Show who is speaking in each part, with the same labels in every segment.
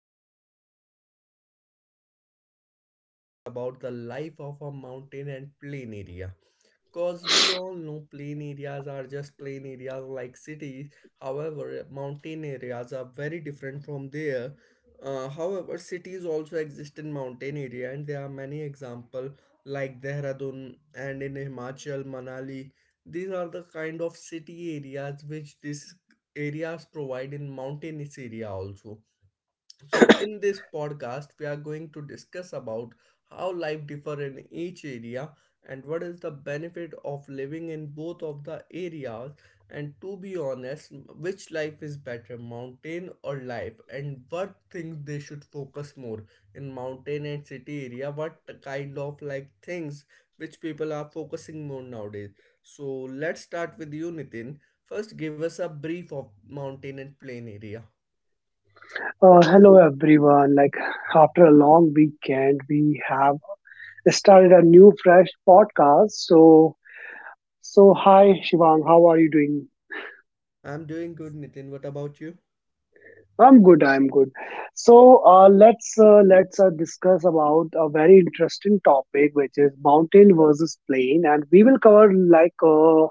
Speaker 1: podcast. And in this podcast, we are going to discuss about the life of a mountain and plain area. Because we all know plain areas are just plain areas like cities. However, mountain areas are very different from there. However, cities also exist in mountain area, and there are many example like Dehradun and in Himachal, Manali. These are the kind of city areas which these areas provide in mountainous area also. So, in this podcast, we are going to discuss about how life differ in each area and what is the benefit of living in both of the areas. And to be honest, which life is better, mountain or life, and what things they should focus more in mountain and city area. What kind of like things which people are focusing more nowadays. So let's start with you, Nitin. First, give us a brief of mountain and plain area.
Speaker 2: Hello everyone. After a long weekend, we have started a new fresh podcast. So hi Shivang, how are you doing?
Speaker 1: I'm doing good, Nitin. What about you?
Speaker 2: I'm good. I'm good. So let's discuss about a very interesting topic, which is mountain versus plain, and we will cover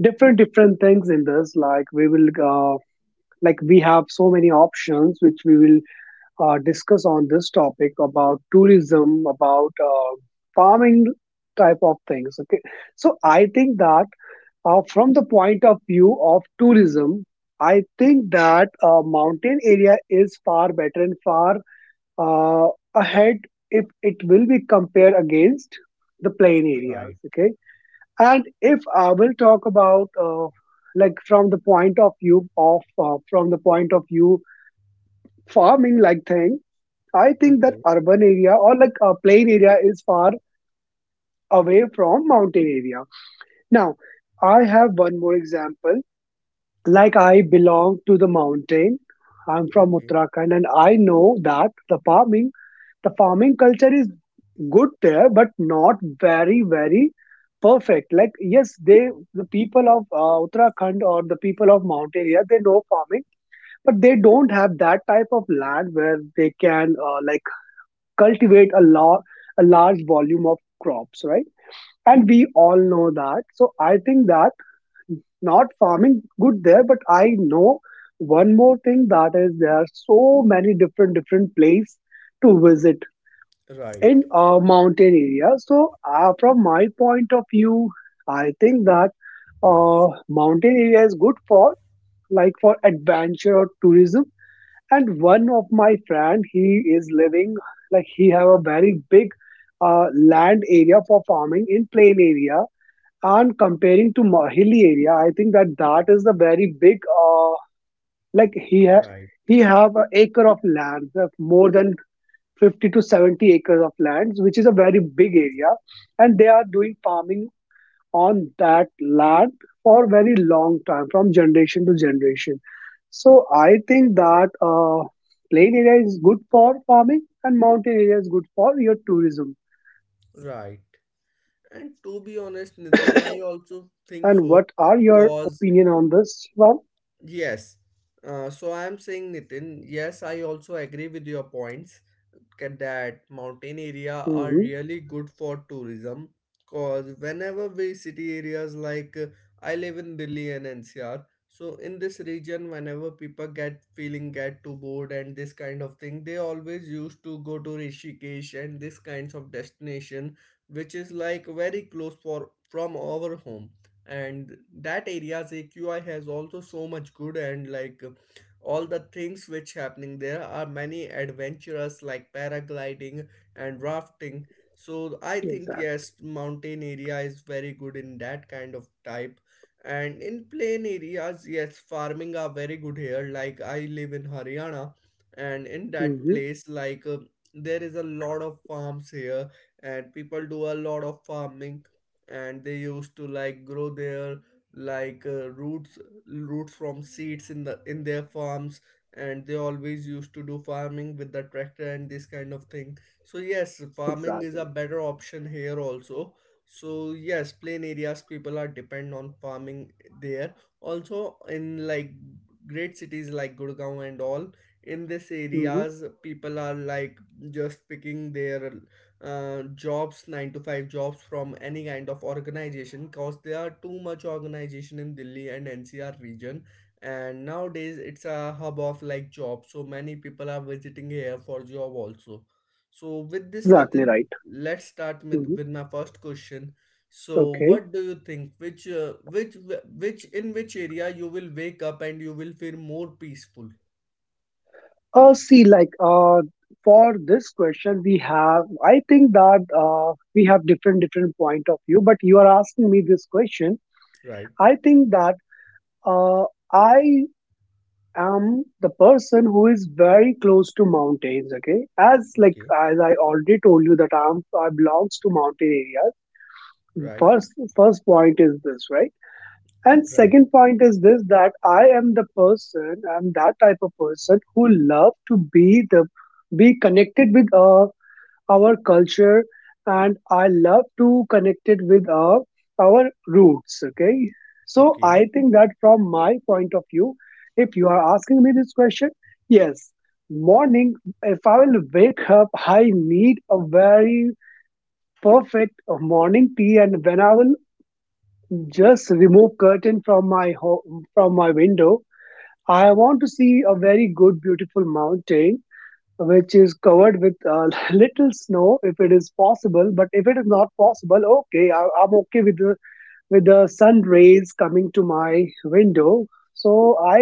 Speaker 2: different different things in this. Like we will uh, like We have so many options, which we will discuss on this topic about tourism, about farming type of things. Okay, so I think that from the point of view of tourism, I think that mountain area is far better and far uh, ahead if it will be compared against the plain areas.
Speaker 1: Right.
Speaker 2: Okay, and if I will talk about from the point of view farming like thing, I think that
Speaker 1: Okay,
Speaker 2: urban area or like a plain area is far away from mountain area. Now, I have one more example. Like I belong to the mountain. I'm from
Speaker 1: okay.
Speaker 2: Uttarakhand and I know that the farming culture is good there, but not very, very perfect. Like yes, the people of Uttarakhand or the people of mountain area they know farming, but they don't have that type of land where they can cultivate a large volume of crops, right? And we all know that. So I think that not farming good there, but I know one more thing, that is there are so many different different place to visit
Speaker 1: Right.
Speaker 2: in a mountain area. So from my point of view, I think that uh, mountain area is good for like for adventure or tourism. And one of my friend, he is living, like he have a very big uh, land area for farming in plain area, and comparing to my hilly area I think that that is the very big uh, like he ha-
Speaker 1: Right.
Speaker 2: he have an acre of land of more than 50 to 70 acres of lands, which is a very big area, and they are doing farming on that land for very long time from generation to generation. So I think that plain area is good for farming and mountain area is good for your tourism.
Speaker 1: Right. And to be honest, Nitin, I also think
Speaker 2: And
Speaker 1: so.
Speaker 2: what are your
Speaker 1: Cause.
Speaker 2: opinion on this, Ram?
Speaker 1: Yes. So I am saying, Nitin, yes, I also agree with your points, that mountain area are
Speaker 2: Hmm.
Speaker 1: really good for tourism because whenever we city areas like I live in Delhi and NCR. So in this region, whenever people get feeling get too bored and this kind of thing, they always used to go to Rishikesh and this kinds of destination, which is like very close for from our home. And that area's AQI has also so much good, and like all the things which happening there are many adventurous like paragliding and rafting. So I think
Speaker 2: Exactly.
Speaker 1: yes, mountain area is very good in that kind of type. And in plain areas, yes, farming are very good here. Like I live in Haryana, and in that
Speaker 2: Hmm.
Speaker 1: place like there is a lot of farms here, and people do a lot of farming. And they used to like grow their like roots from seeds in their farms. And they always used to do farming with the tractor and this kind of thing. So yes, farming is a
Speaker 2: Exactly.
Speaker 1: better option here also. So yes, plain areas people are depend on farming there also. In like great cities like Gurgaon and all, in this
Speaker 2: Hmm.
Speaker 1: areas people are like just picking their jobs, nine to five jobs from any kind of organization, because there are too much organization in Delhi and NCR region. And nowadays it's a hub of like jobs. So many people are visiting here for job also. So with this,
Speaker 2: Exactly
Speaker 1: Nitin,
Speaker 2: right.
Speaker 1: let's start with,
Speaker 2: Hmm.
Speaker 1: with my first question. So
Speaker 2: Okay,
Speaker 1: what do you think? Which in which area you will wake up and you will feel more peaceful?
Speaker 2: see for this question we have, I think that we have different different point of view, but you are asking me this question.
Speaker 1: Right.
Speaker 2: I think that uh, I am the person who is very close to mountains. Okay, as like
Speaker 1: Okay.
Speaker 2: as I already told you that I belongs to mountain areas.
Speaker 1: Right.
Speaker 2: First point is this, right? And
Speaker 1: Right.
Speaker 2: second point is this, that I am the person, I'm that type of person who love to be connected with our culture, and I love to connect it with our roots, okay? So
Speaker 1: Okay.
Speaker 2: I think that from my point of view, if you are asking me this question, yes, morning, if I will wake up, I need a very perfect morning tea, and when I will just remove curtain from my home from my window, I want to see a very good beautiful mountain which is covered with a little snow if it is possible, but if it is not possible, okay, I'm okay with the sun rays coming to my window. So I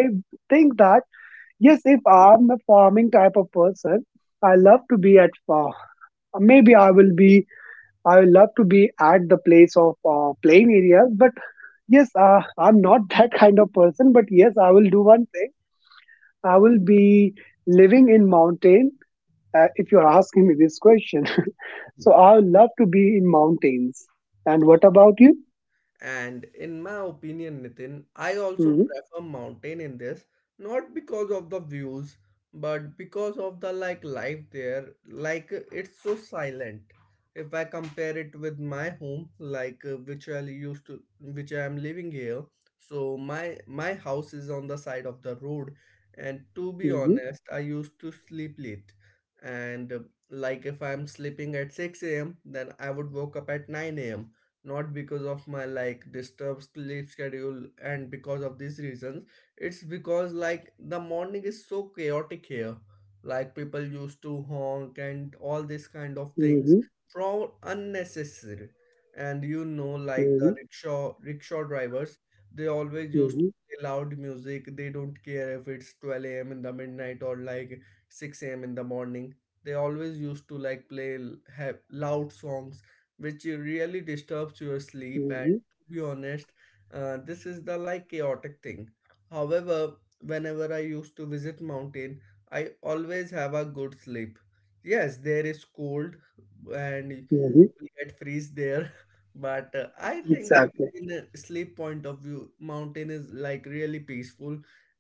Speaker 2: think that yes, if I'm a farming type of person, I love to be at farm. Maybe I will love to be at the place of playing areas, but yes, I'm not that kind of person, but yes, I will do one thing. I will be living in mountain, if you are asking me this question. So I would love to be in mountains. And what about you?
Speaker 1: And in my opinion, Nitin, I also
Speaker 2: Hmm.
Speaker 1: prefer mountain in this, not because of the views, but because of the like life there. Like it's so silent. If I compare it with my home, like which I am living here, so my house is on the side of the road, and to be
Speaker 2: Hmm.
Speaker 1: honest, I used to sleep late. And like if I'm sleeping at 6 a.m., then I would woke up at 9 a.m., not because of my like disturbed sleep schedule and because of these reasons. It's because like the morning is so chaotic here, like people used to honk and all these kind of things
Speaker 2: Hmm.
Speaker 1: from unnecessary. And like
Speaker 2: Hmm.
Speaker 1: the rickshaw drivers, they always used to
Speaker 2: Hmm.
Speaker 1: play loud music. They don't care if it's 12 a.m. in the midnight or like 6 a.m. in the morning. They always used to like have loud songs, which really disturbs your sleep.
Speaker 2: Hmm.
Speaker 1: And to be honest, this is the like chaotic thing. However, whenever I used to visit mountain, I always have a good sleep. Yes, there is cold, and
Speaker 2: Hmm.
Speaker 1: will get freeze there but I think
Speaker 2: Exactly.
Speaker 1: in a sleep point of view, mountain is like really peaceful.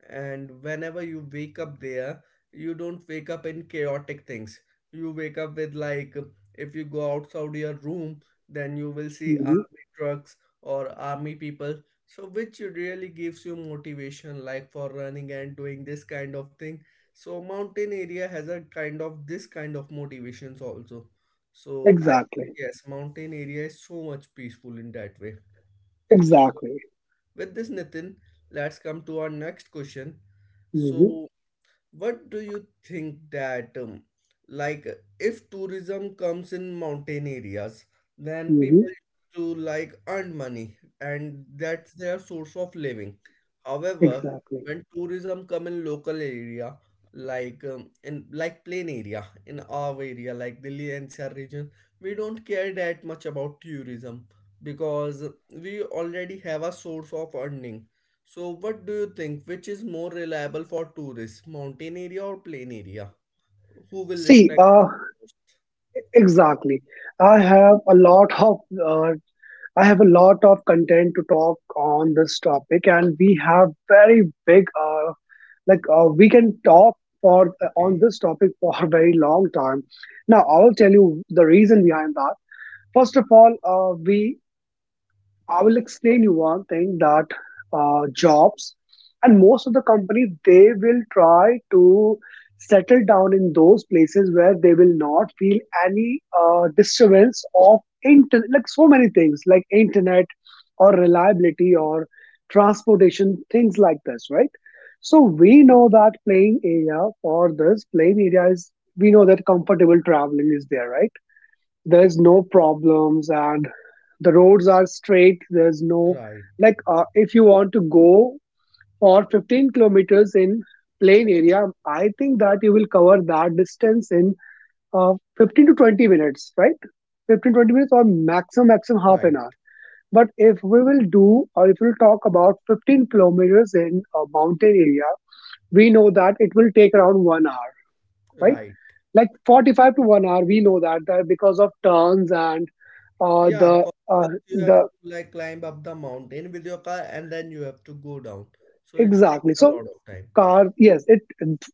Speaker 1: And whenever you wake up there, you don't wake up in chaotic things. You wake up with like, if you go outside your room, then you will see
Speaker 2: Hmm.
Speaker 1: army trucks or army people, so which really gives you motivation like for running and doing this kind of thing. So mountain area has a kind of this kind of motivations also. So I think
Speaker 2: Exactly.
Speaker 1: yes, mountain area is so much peaceful in that way. So
Speaker 2: Exactly.
Speaker 1: with this, Nitin, let's come to our next question.
Speaker 2: Hmm.
Speaker 1: So what do you think that like if tourism comes in mountain areas, then
Speaker 2: Hmm.
Speaker 1: people used to like earn money, and that's their source of living. However,
Speaker 2: Exactly.
Speaker 1: when tourism come in local area, like in like plain area, in our area like Delhi NCR region, we don't care that much about tourism, because we already have a source of earning. So, what do you think? Which is more reliable for tourists, mountain area or plain area? Who will
Speaker 2: See,
Speaker 1: respect
Speaker 2: uh,
Speaker 1: them most?
Speaker 2: exactly. I have a lot of uh, I have a lot of content to talk on this topic, and we have very big, we can talk for on
Speaker 1: Okay,
Speaker 2: this topic for a very long time. Now I will tell you the reason behind that. First of all, we I will explain you one thing, that jobs and most of the companies, they will try to settle down in those places where they will not feel any disturbance of so many things like internet or reliability or transportation things like this, right? So we know that playing area is, we know that comfortable traveling is there, right? There's no problems, and the roads are straight, there's no,
Speaker 1: right,
Speaker 2: if you want to go for 15 kilometers in plain area, I think that you will cover that distance in uh, 15 to 20 minutes, right? 15 20 minutes, or maximum half
Speaker 1: right,
Speaker 2: an hour. But if we will do, or if we'll talk about 15 kilometers in a mountain area, we know that it will take around 1 hour, right?
Speaker 1: right.
Speaker 2: Like 45 to 1 hour, we know that, that because of turns and uh,
Speaker 1: Yeah,
Speaker 2: the
Speaker 1: 'cause
Speaker 2: uh,
Speaker 1: first you have
Speaker 2: the
Speaker 1: to like climb up the mountain with your car and then you have to go down. So it takes
Speaker 2: exactly.
Speaker 1: a
Speaker 2: So
Speaker 1: lot of time.
Speaker 2: car, yes, it,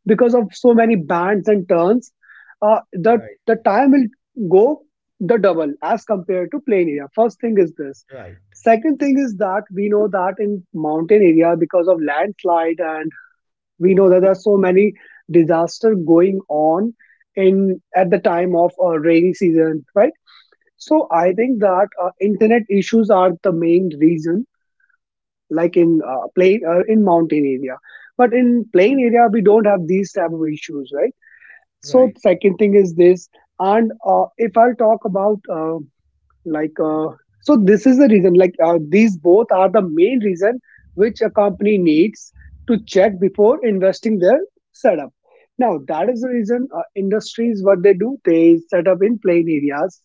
Speaker 2: because of so many bands and turns, uh, the
Speaker 1: Right,
Speaker 2: the time will go the double as compared to plain area, first thing is this.
Speaker 1: right,
Speaker 2: Second thing is that we know that in mountain area because of landslide and we know that there are so many disaster going on in at the time of rainy season, right? So I think that internet issues are the main reason, like in plain in mountain area, but in plain area we don't have these type of issues, right? So
Speaker 1: right,
Speaker 2: second thing is this. And if I'll talk about like so this is the reason, these both are the main reason which a company needs to check before investing their setup. Now that is the reason industries, what they do, they set up in plain areas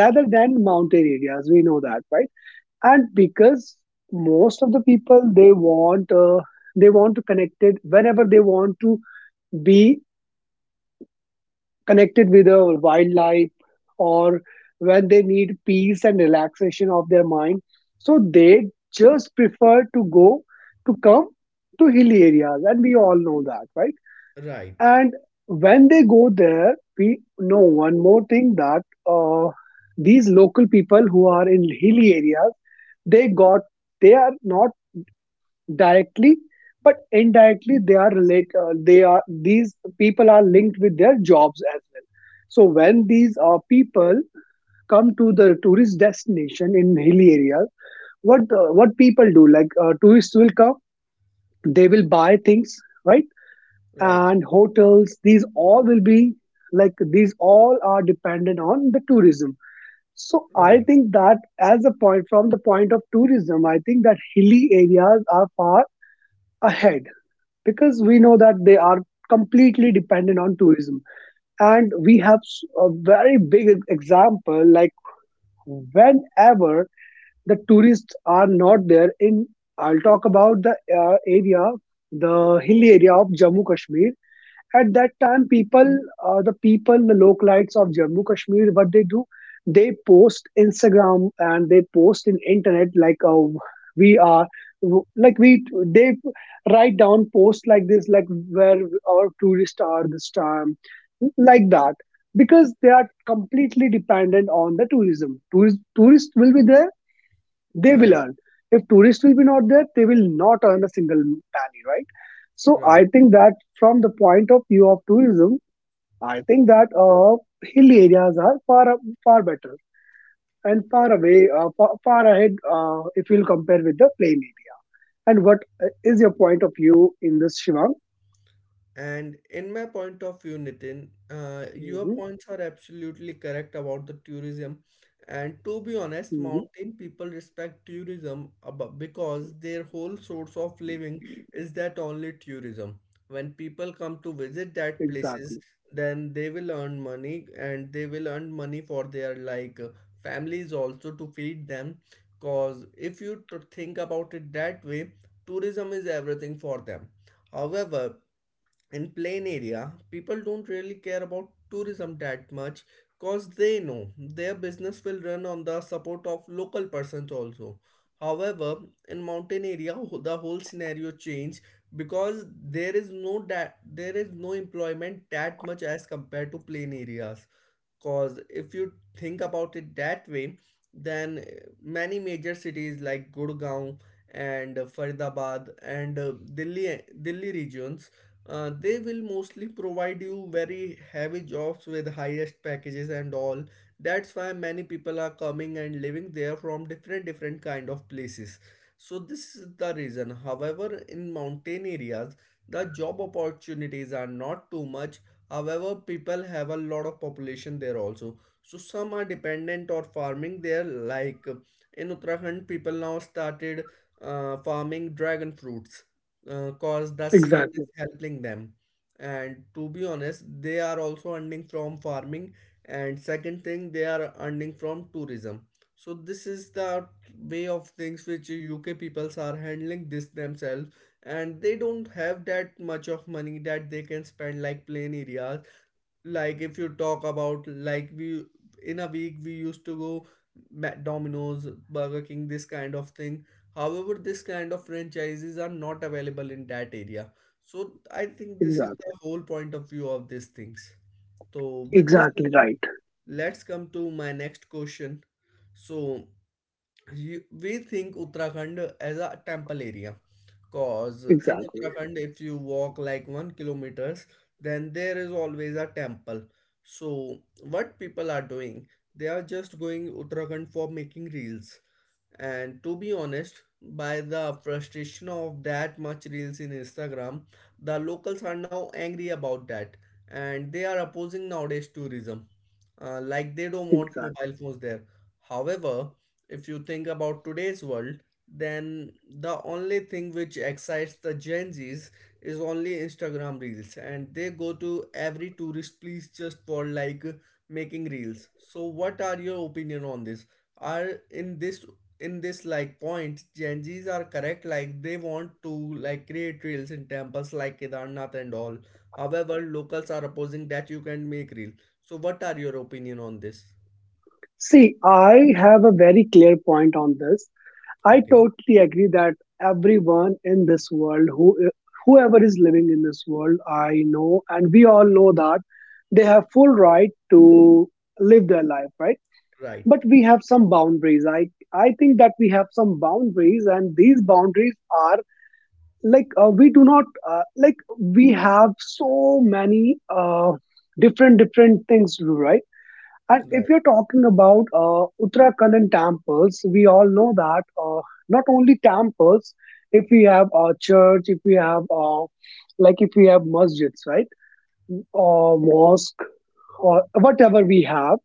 Speaker 2: rather than mountain areas, we know that, right? And because most of the people, they want to connect it whenever they want to be connected with the wildlife, or when they need peace and relaxation of their mind, so they just prefer to go to come to hilly areas, and we all know that, right?
Speaker 1: right,
Speaker 2: And when they go there, we know one more thing, that uh, these local people who are in hilly areas, they got they are not directly but indirectly they are these people are linked with their jobs as well. So when these people come to the tourist destination in hilly areas, what people do, like tourists will come, they will buy things, right?
Speaker 1: right,
Speaker 2: And hotels, these all will be, like these all are dependent on the tourism. So I
Speaker 1: right,
Speaker 2: think that as a point from the point of tourism, I think that hilly areas are far ahead because we know that they are completely dependent on tourism. And we have a very big example, like whenever the tourists are not there in, I'll talk about the area the hilly area of Jammu Kashmir, at that time people, the people, the localites of Jammu Kashmir, what they do, they post Instagram and they post in internet, like we are like we they write down posts like this, like where our tourists are this time, like that, because they are
Speaker 1: right,
Speaker 2: completely dependent on the tourism. Tourist tourist will be there, they will
Speaker 1: right,
Speaker 2: earn. If tourists will be not there, they will not earn a single penny, right? So
Speaker 1: right.
Speaker 2: I think that from the point of view of tourism, I think that hill areas are far far better and far away, far, far ahead if you'll compare with the plain area. And what is your point of view in this, Shivang?
Speaker 1: And in my point of view, Nitin, your
Speaker 2: Hmm.
Speaker 1: points are absolutely correct about the tourism. And to be honest,
Speaker 2: Hmm.
Speaker 1: mountain people respect tourism, because their whole source of living is that only tourism. When people come to visit that places,
Speaker 2: Exactly,
Speaker 1: then they will earn money, and they will earn money for their like families also to feed them. Cause if you to think about it that way, tourism is everything for them. However, in plain area, people don't really care about tourism that much, cause they know their business will run on the support of local persons also. However, in mountain area, the whole scenario change, because there is no employment that much as compared to plain areas. Because if you think about it that way, then many major cities like Gurgaon and Faridabad and Delhi regions, they will mostly provide you very heavy jobs with highest packages and all. That's why many people are coming and living there from different different kind of places. So this is the reason. However, in mountain areas, the job opportunities are not too much. However, people have a lot of population there also. So some are dependent on farming there. Like in Uttarakhand, people now started farming dragon fruits, because the CM is
Speaker 2: exactly,
Speaker 1: helping them. And to be honest, they are also earning from farming. And second thing, they are earning from tourism. So this is the way of things which UK peoples are handling this themselves, and they don't have that much of money that they can spend like plain areas. Like if you talk about, like we in a week we used to go Domino's, Burger King, this kind of thing. However, this kind of franchises are not available in that area. So I think this is
Speaker 2: exactly,
Speaker 1: the whole point of view of these things. So with this,
Speaker 2: exactly
Speaker 1: Nitin,
Speaker 2: right,
Speaker 1: let's come to my next question. So we think Uttarakhand as a temple area, because in
Speaker 2: exactly,
Speaker 1: Uttarakhand, if you walk like 1 kilometers, then there is always a temple. So what people are doing, they are just going Uttarakhand for making reels. And to be honest, by the frustration of that much reels in Instagram, the locals are now angry about that, and they are opposing nowadays tourism. Like they don't want mobile
Speaker 2: exactly.
Speaker 1: phones there. However, if you think about today's world, then the only thing which excites the Gen Zs is only Instagram reels, and they go to every tourist place just for like making reels. So what are your opinion on this? Are in this like point, Gen Z's are correct, like they want to like create reels in temples like Kedarnath and all. However, locals are opposing that you can make reel. So what are your opinion on this?
Speaker 2: See, I have a very clear point on this. I
Speaker 1: Okay,
Speaker 2: totally agree that everyone in this world, who, whoever is living in this world, I know, and we all know that they have full right to live their life, right?
Speaker 1: right,
Speaker 2: But we have some boundaries. I think that we have some boundaries, and these boundaries are like we do not like we have so many different different things to do, right? And if
Speaker 1: right,
Speaker 2: you're talking about Uttarakhand temples, we all know that not only temples, if we have a church, if we have like if we have masjids, right, or mosque, or whatever we have,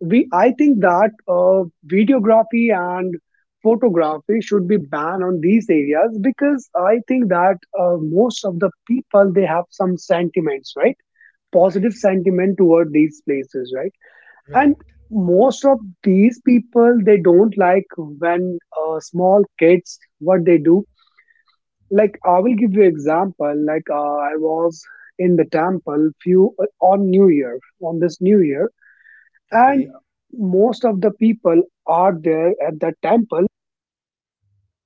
Speaker 2: we I think that videography and photography should be banned on these areas because I think that most of the people they have some sentiments, right, positive
Speaker 1: right,
Speaker 2: sentiment toward these places, right,
Speaker 1: right.
Speaker 2: and most of these people they don't like when small kids what they do, like I will give you example like I was in the temple few on new year, on this new year, and
Speaker 1: Okay,
Speaker 2: most of the people are there at the temple,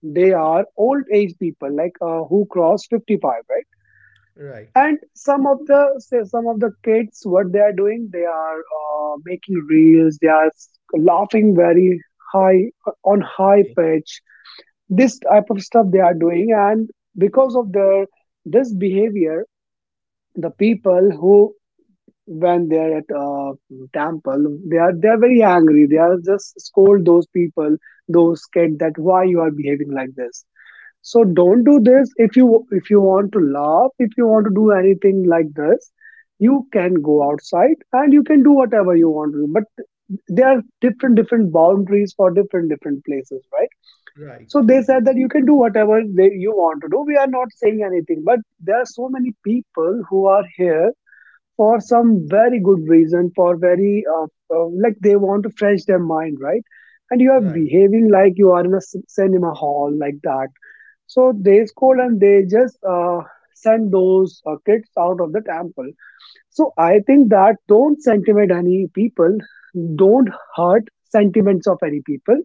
Speaker 2: they are old age people like who cross 55, right?
Speaker 1: right.
Speaker 2: And some of the, say some of the kids what they are doing, they are making reels, they are laughing very high, on high
Speaker 1: Okay,
Speaker 2: pitch. This type of stuff they are doing, and because of their this behavior, the people who, when they are at a temple, they are very angry, they are just scold those people, those kids, that why you are behaving like this, so don't do this. If you, if you want to laugh, if you want to do anything like this, you can go outside and you can do whatever you want to do. But there are different different boundaries for different different places, right?
Speaker 1: right,
Speaker 2: So they said that you can do whatever you want to do, we are not saying anything, but there are so many people who are here for some very good reason, for very like they want to fresh their mind, right, and you are
Speaker 1: right,
Speaker 2: behaving like you are in a cinema hall like that. So they scold and they just send those kids out of the temple. So I think that don't sentiment any people, don't hurt sentiments of any people.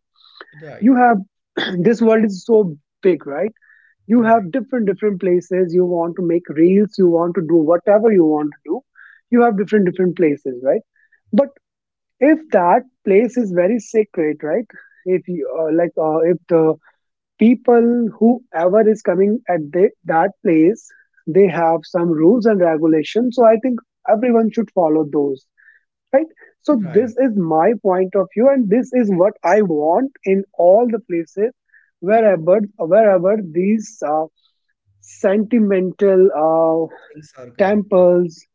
Speaker 1: right,
Speaker 2: You have this world is so big, right? You
Speaker 1: right,
Speaker 2: have different different places. You want to make reels. You want to do whatever you want to do. You have different different places, right? But if that place is very sacred, right? If you if the people whoever is coming at that place, they have some rules and regulations, so I think everyone should follow those, right. So
Speaker 1: right.
Speaker 2: this is my point of view and this is what I want in all the places. Wherever these sentimental
Speaker 1: Things are connected.
Speaker 2: temples,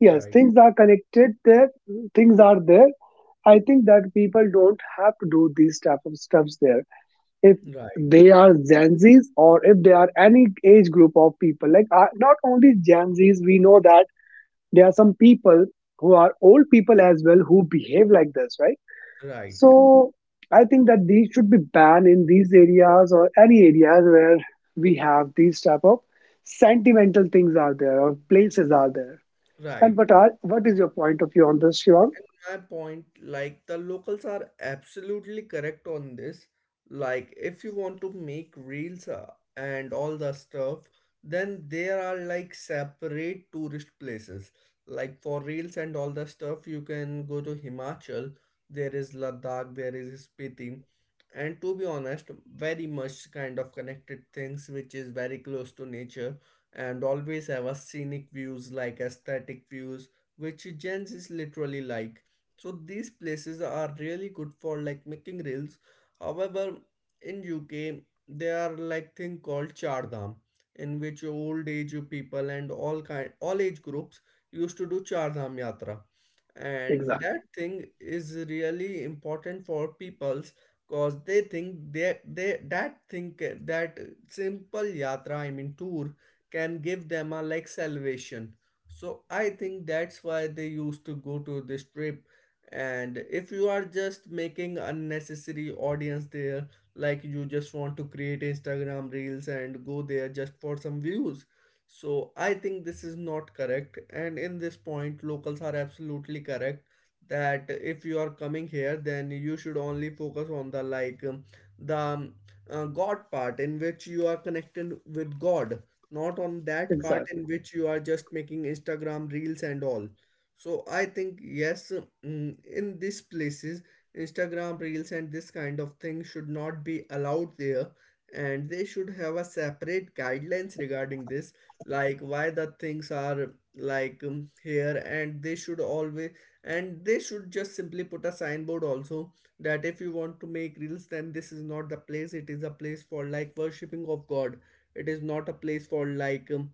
Speaker 2: yes, things are connected there, things are there. I think that people don't have to do these type of stuffs there, if
Speaker 1: right,
Speaker 2: they are Gen Zs or if they are any age group of people. Like not only Gen Zs, we know that there are some people who are old people as well who behave like this, right?
Speaker 1: right,
Speaker 2: So I think that these should be banned in these areas or any areas where we have these type of sentimental things are there or places are there.
Speaker 1: right.
Speaker 2: And what is your point of view on this, Shivam?
Speaker 1: My point, like the locals are absolutely correct on this. Like if you want to make reels, and all the stuff, then there are like separate tourist places, like for reels and all the stuff you can go to Himachal. There is Ladakh, there is Spiti. And to be honest, very much kind of connected things which is very close to nature and always have a scenic views like aesthetic views, which gens is literally like. So these places are really good for like making reels. However, in UK there are like thing called chardam, in which old age people and all kind all age groups used to do chardam yatra, and
Speaker 2: Exactly.
Speaker 1: that thing is really important for peoples because they think they that thing ca- that simple yatra I mean tour can give them a like salvation. So I think that's why they used to go to this trip. And if you are just making unnecessary audience there, like you just want to create Instagram reels and go there just for some views, so I think this is not correct, and in this point locals are absolutely correct that if you are coming here then you should only focus on the like the god part in which you are connected with god, not on that part
Speaker 2: Exactly.
Speaker 1: in which you are just making Instagram reels and all. So I think yes, in these places, Instagram reels and this kind of thing should not be allowed there, and they should have a separate guidelines regarding this, like why the things are like here, and they should always and they should just simply put a signboard also that if you want to make reels, then this is not the place. It is a place for like worshipping of God. It is not a place for like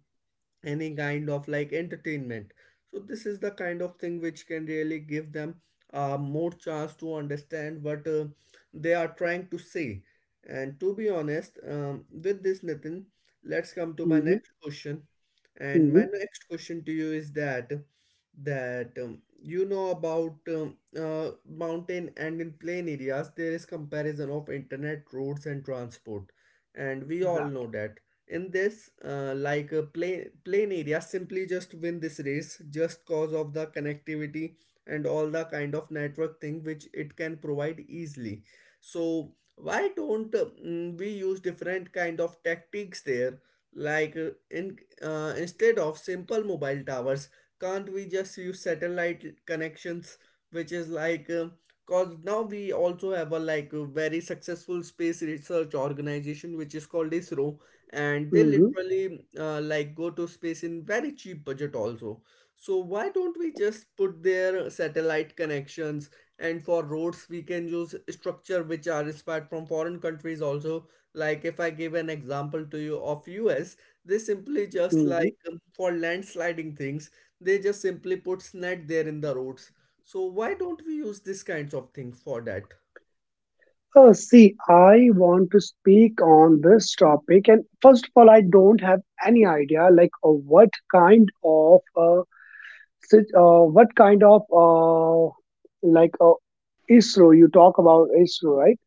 Speaker 1: any kind of like entertainment. So this is the kind of thing which can really give them more chance to understand what they are trying to say. And to be honest with this Nitin, let's come to my
Speaker 2: Mm-hmm.
Speaker 1: next question. And my
Speaker 2: Mm-hmm.
Speaker 1: next question to you is that you know about mountain and in plain areas there is comparison of internet, roads and transport, and we all know
Speaker 2: Exactly.
Speaker 1: that in this like a plain area simply just win this race just cause of the connectivity and all the kind of network thing which it can provide easily. So why don't we use different kind of tactics there, like in instead of simple mobile towers, can't we just use satellite connections, which is like cause now we also have a like a very successful space research organization which is called ISRO, and they
Speaker 2: Mm-hmm.
Speaker 1: literally like go to space in very cheap budget also. So why don't we just put their satellite connections, and for roads we can use structure which are inspired from foreign countries also. Like if I give an example to you of US, they simply just
Speaker 2: Mm-hmm.
Speaker 1: like for landsliding things they just simply put net there in the roads. So why don't we use these kinds of things for that?
Speaker 2: Oh, see, I want to speak on this topic, and first of all, I don't have any idea like what kind of what kind of like uh, ISRO, you talk about ISRO, right?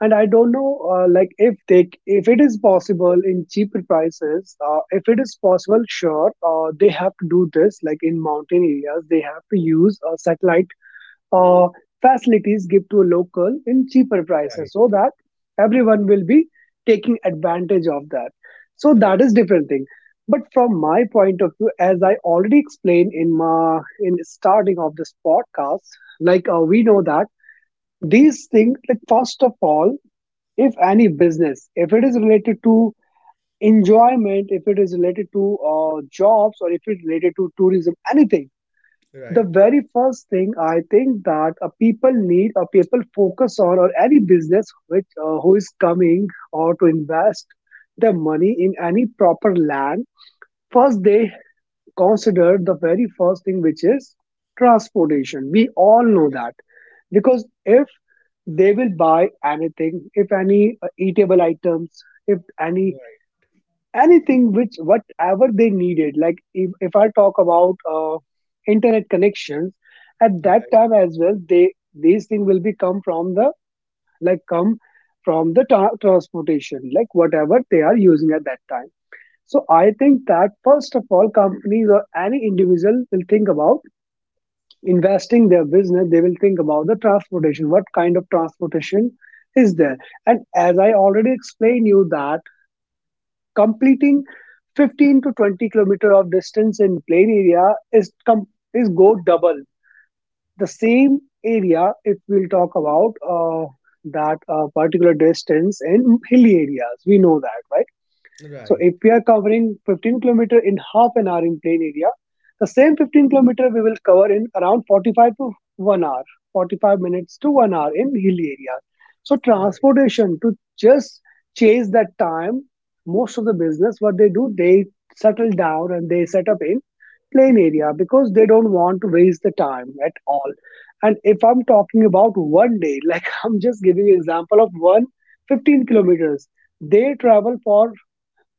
Speaker 2: And I don't know like if they, if it is possible in cheaper prices. If it is possible, sure, they have to do this like in mountain areas. They have to use a satellite uh, facilities give to a local in cheaper
Speaker 1: Right,
Speaker 2: prices so that everyone will be taking advantage of that, so that
Speaker 1: right,
Speaker 2: is different thing. But from my point of view, as I already explained in my, in starting of this podcast, like we know that these things, like first of all, if any business, if it is related to enjoyment, if it is related to jobs, or if it is related to tourism, anything, the
Speaker 1: right,
Speaker 2: very first thing I think that people need or people focus on, or any business which who is coming or to invest their money in any proper land, first they consider the very first thing, which is transportation, we all know that. Because if they will buy anything, if any eatable items, if any
Speaker 1: right,
Speaker 2: anything which whatever they needed, like if I talk about internet connections at that
Speaker 1: right,
Speaker 2: time as well, they, these things will be come from the, like come from the transportation, like whatever they are using at that time. So I think that first of all, companies or any individual will think about investing their business, they will think about the transportation, what kind of transportation is there. And as I already explained you that completing 15 to 20 kilometer of distance in plain area is is go double the same area if we'll talk about that particular distance in hilly areas, we know that, right? So
Speaker 1: right,
Speaker 2: if we are covering 15 kilometer in half an hour in plain area, the same 15 kilometer we will cover in around 45 to 1 hour, 45 minutes to 1 hour in hilly areas. So
Speaker 1: right,
Speaker 2: transportation to just chase that time, most of the business, what they do, they settle down and they set up in plain area because they don't want to waste the time at all. And if I'm talking about one day, like I'm just giving example of one 15 kilometers, they travel for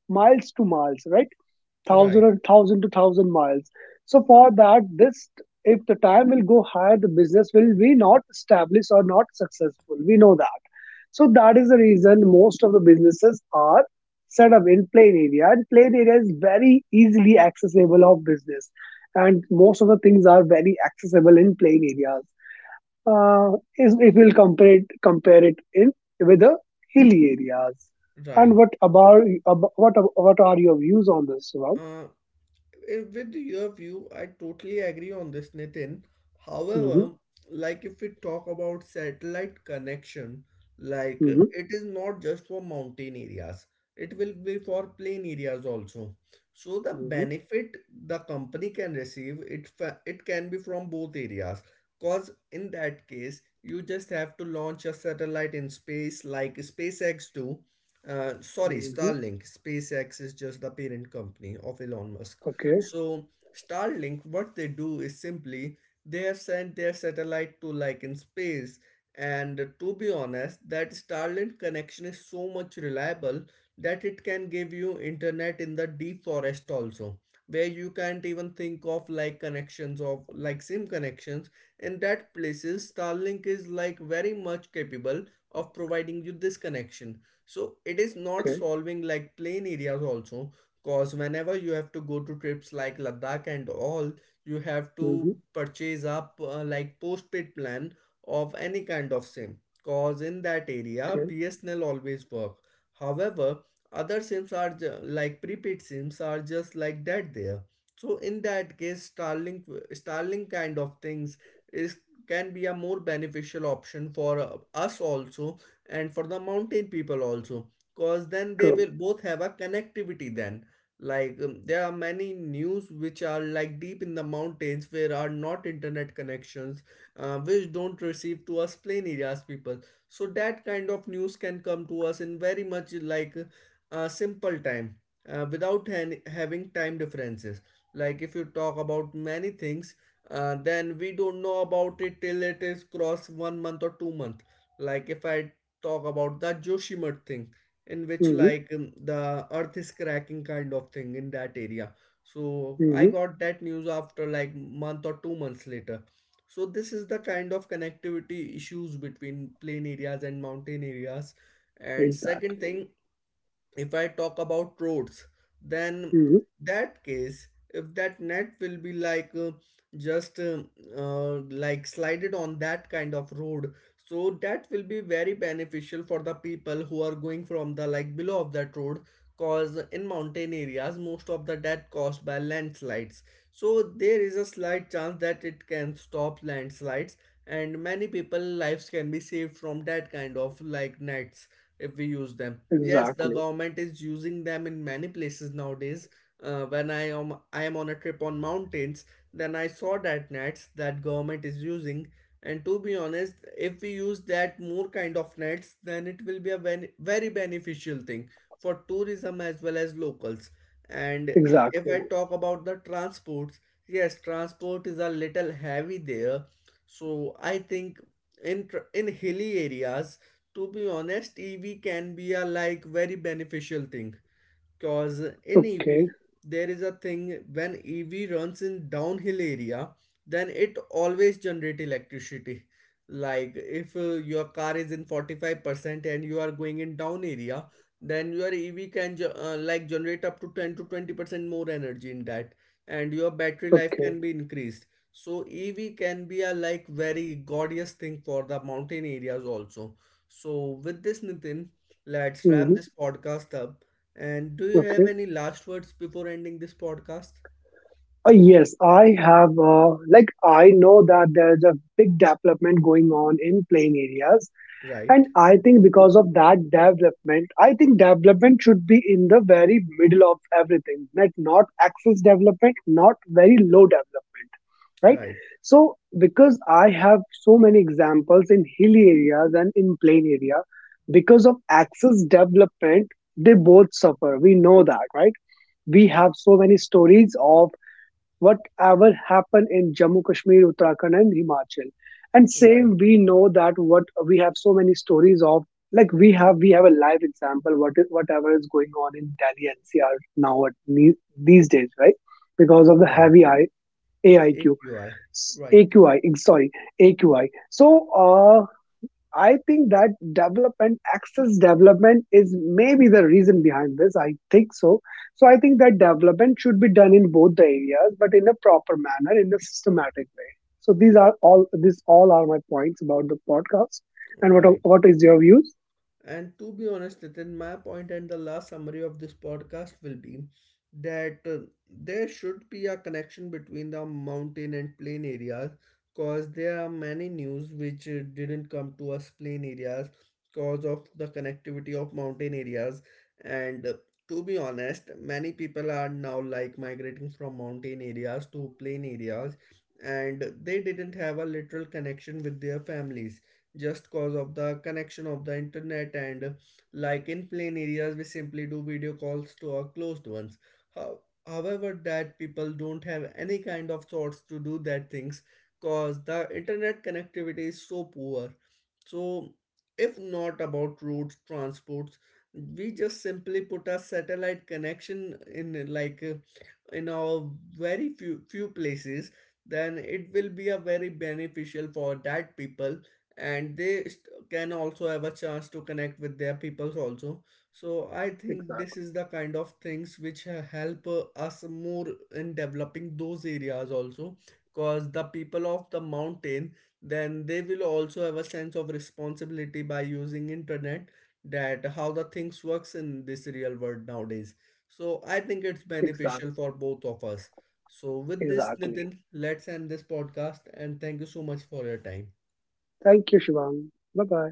Speaker 2: miles to miles, right? Thousand
Speaker 1: right.
Speaker 2: or thousand to thousand miles. So for that, this, if the time will go higher, the business will be not established or not successful. We know that. So that is the reason most of the businesses are set up in plain area, and plain area is very easily accessible of business, and most of the things are very accessible in plain areas, uh, is if we'll compare it in with the hilly areas. And
Speaker 1: Right.
Speaker 2: what about what are your views on this one?
Speaker 1: Uh, with your view, I totally agree on this, Nitin.
Speaker 2: Mm-hmm,
Speaker 1: However, like if we talk about satellite connection, like
Speaker 2: mm-hmm,
Speaker 1: it is not just for mountain areas, it will be for plain areas also. So the
Speaker 2: mm-hmm,
Speaker 1: benefit the company can receive, it fa- it can be from both areas. Cause in that case, you just have to launch a satellite in space, like SpaceX do. Sorry,
Speaker 2: mm-hmm.
Speaker 1: Starlink. SpaceX is just the parent company of Elon Musk.
Speaker 2: Okay,
Speaker 1: So Starlink, what they do is simply they have sent their satellite to like in space. And to be honest, that Starlink connection is so much reliable that it can give you internet in the deep forest also, where you can't even think of like connections of like SIM connections. In that places, Starlink is like very much capable of providing you this connection. So it is not
Speaker 2: okay,
Speaker 1: solving like plain areas also. Cause whenever you have to go to trips like Ladakh and all, you have
Speaker 2: mm-hmm,
Speaker 1: to purchase up like postpaid plan of any kind of SIM. Cause in that area,
Speaker 2: okay.
Speaker 1: BSNL always work. However, other SIMs are ju- like prepaid SIMs are just like that there. So in that case, Starlink kind of things is can be a more beneficial option for us also and for the mountain people also, because then they
Speaker 2: True.
Speaker 1: will both have a connectivity then. Like there are many news which are like deep in the mountains where are not internet connections, which don't receive to us plain areas people. So that kind of news can come to us in very much like a simple time, without han- having time differences. Like if you talk about many things, then we don't know about it till it is cross 1 month or 2 month. Like if I talk about the joshimut thing, in which
Speaker 2: Mm-hmm,
Speaker 1: like the earth is cracking kind of thing in that area, so I
Speaker 2: mm-hmm.
Speaker 1: got that news after like month or 2 months later. So this is the kind of connectivity issues between plain areas and mountain areas. And second
Speaker 2: Exactly.
Speaker 1: thing, if I talk about roads, then
Speaker 2: Mm-hmm,
Speaker 1: that case if that net will be like just uh, like slided on that kind of road, so that will be very beneficial for the people who are going from the like below of that road. Cause in mountain areas most of the death caused by landslides. So there is a slight chance that it can stop landslides and many people lives can be saved from that kind of like nets if we use them. Yes, the
Speaker 2: exactly.
Speaker 1: government is using them in many places nowadays. When I am on a trip on mountains, then I saw that nets that government is using. And to be honest, if we use that more kind of nets, then it will be a very, very beneficial thing for tourism as well as locals. And if
Speaker 2: Exactly.
Speaker 1: I talk about the transports, yes, transport is a little heavy there. So I think in tr- in hilly areas, to be honest, EV can be a like very beneficial thing. Cause in
Speaker 2: Okay.
Speaker 1: EV there is a thing: when EV runs in downhill area, then it always generate electricity. Like if your car is in 45% and you are going in down area, then your EV can ge- like generate up to 10 to 20% more energy in that, and your battery life
Speaker 2: Okay.
Speaker 1: can be increased. So EV can be a like very gorgeous thing for the mountain areas also. So with this Nitin, let's
Speaker 2: Mm-hmm,
Speaker 1: wrap this podcast up, and do you have
Speaker 2: okay.
Speaker 1: any last words before ending this podcast?
Speaker 2: Yes, I have. Like I know that there is a big development going on in plain areas. And
Speaker 1: Right,
Speaker 2: I think because of that development, I think development should be in the very middle of everything, like not excess development, not very low development, right?
Speaker 1: right,
Speaker 2: So, because I have so many examples in hilly areas and in plain area, because of excess development, they both suffer. We know that, right? We have so many stories of whatever happened in Jammu, Kashmir, Uttarakhand, and Himachal. And
Speaker 1: right,
Speaker 2: same, we know that what we have so many stories of. Like we have a live example. What is whatever is going on in Delhi NCR now these days, right? Because of the
Speaker 1: right.
Speaker 2: heavy I, AIQ,
Speaker 1: AQI. Right,
Speaker 2: AQI. Sorry, AQI. So, I think that development, access development is maybe the reason behind this. I think so. So I think that development should be done in both the areas, but in a proper manner, in a systematic way. So these all are my points about the podcast. And
Speaker 1: right.
Speaker 2: what is your views?
Speaker 1: And to be honest, Nitin, my point and the last summary of this podcast will be that there should be a connection between the mountain and plain areas, because there are many news which didn't come to us plain areas because of the connectivity of mountain areas. And to be honest, many people are now like migrating from mountain areas to plain areas, and they didn't have a literal connection with their families, just cause of the connection of the internet. And like in plain areas we simply do video calls to our closed ones. How, However, that people don't have any kind of thoughts to do that things, cause the internet connectivity is so poor. So if not about road transports, we just simply put a satellite connection in like in our very few places, then it will be a very beneficial for that people, and they st- can also have a chance to connect with their peoples also. So I think
Speaker 2: Exactly.
Speaker 1: this is the kind of things which ha- help us more in developing those areas also, because the people of the mountain, then they will also have a sense of responsibility by using internet, that how the things works in this real world nowadays. So I think it's beneficial
Speaker 2: Exactly.
Speaker 1: for both of us. So with this
Speaker 2: Exactly.
Speaker 1: Nitin, let's end this podcast, and thank you so much for your time.
Speaker 2: Thank you, Shivang. Bye bye.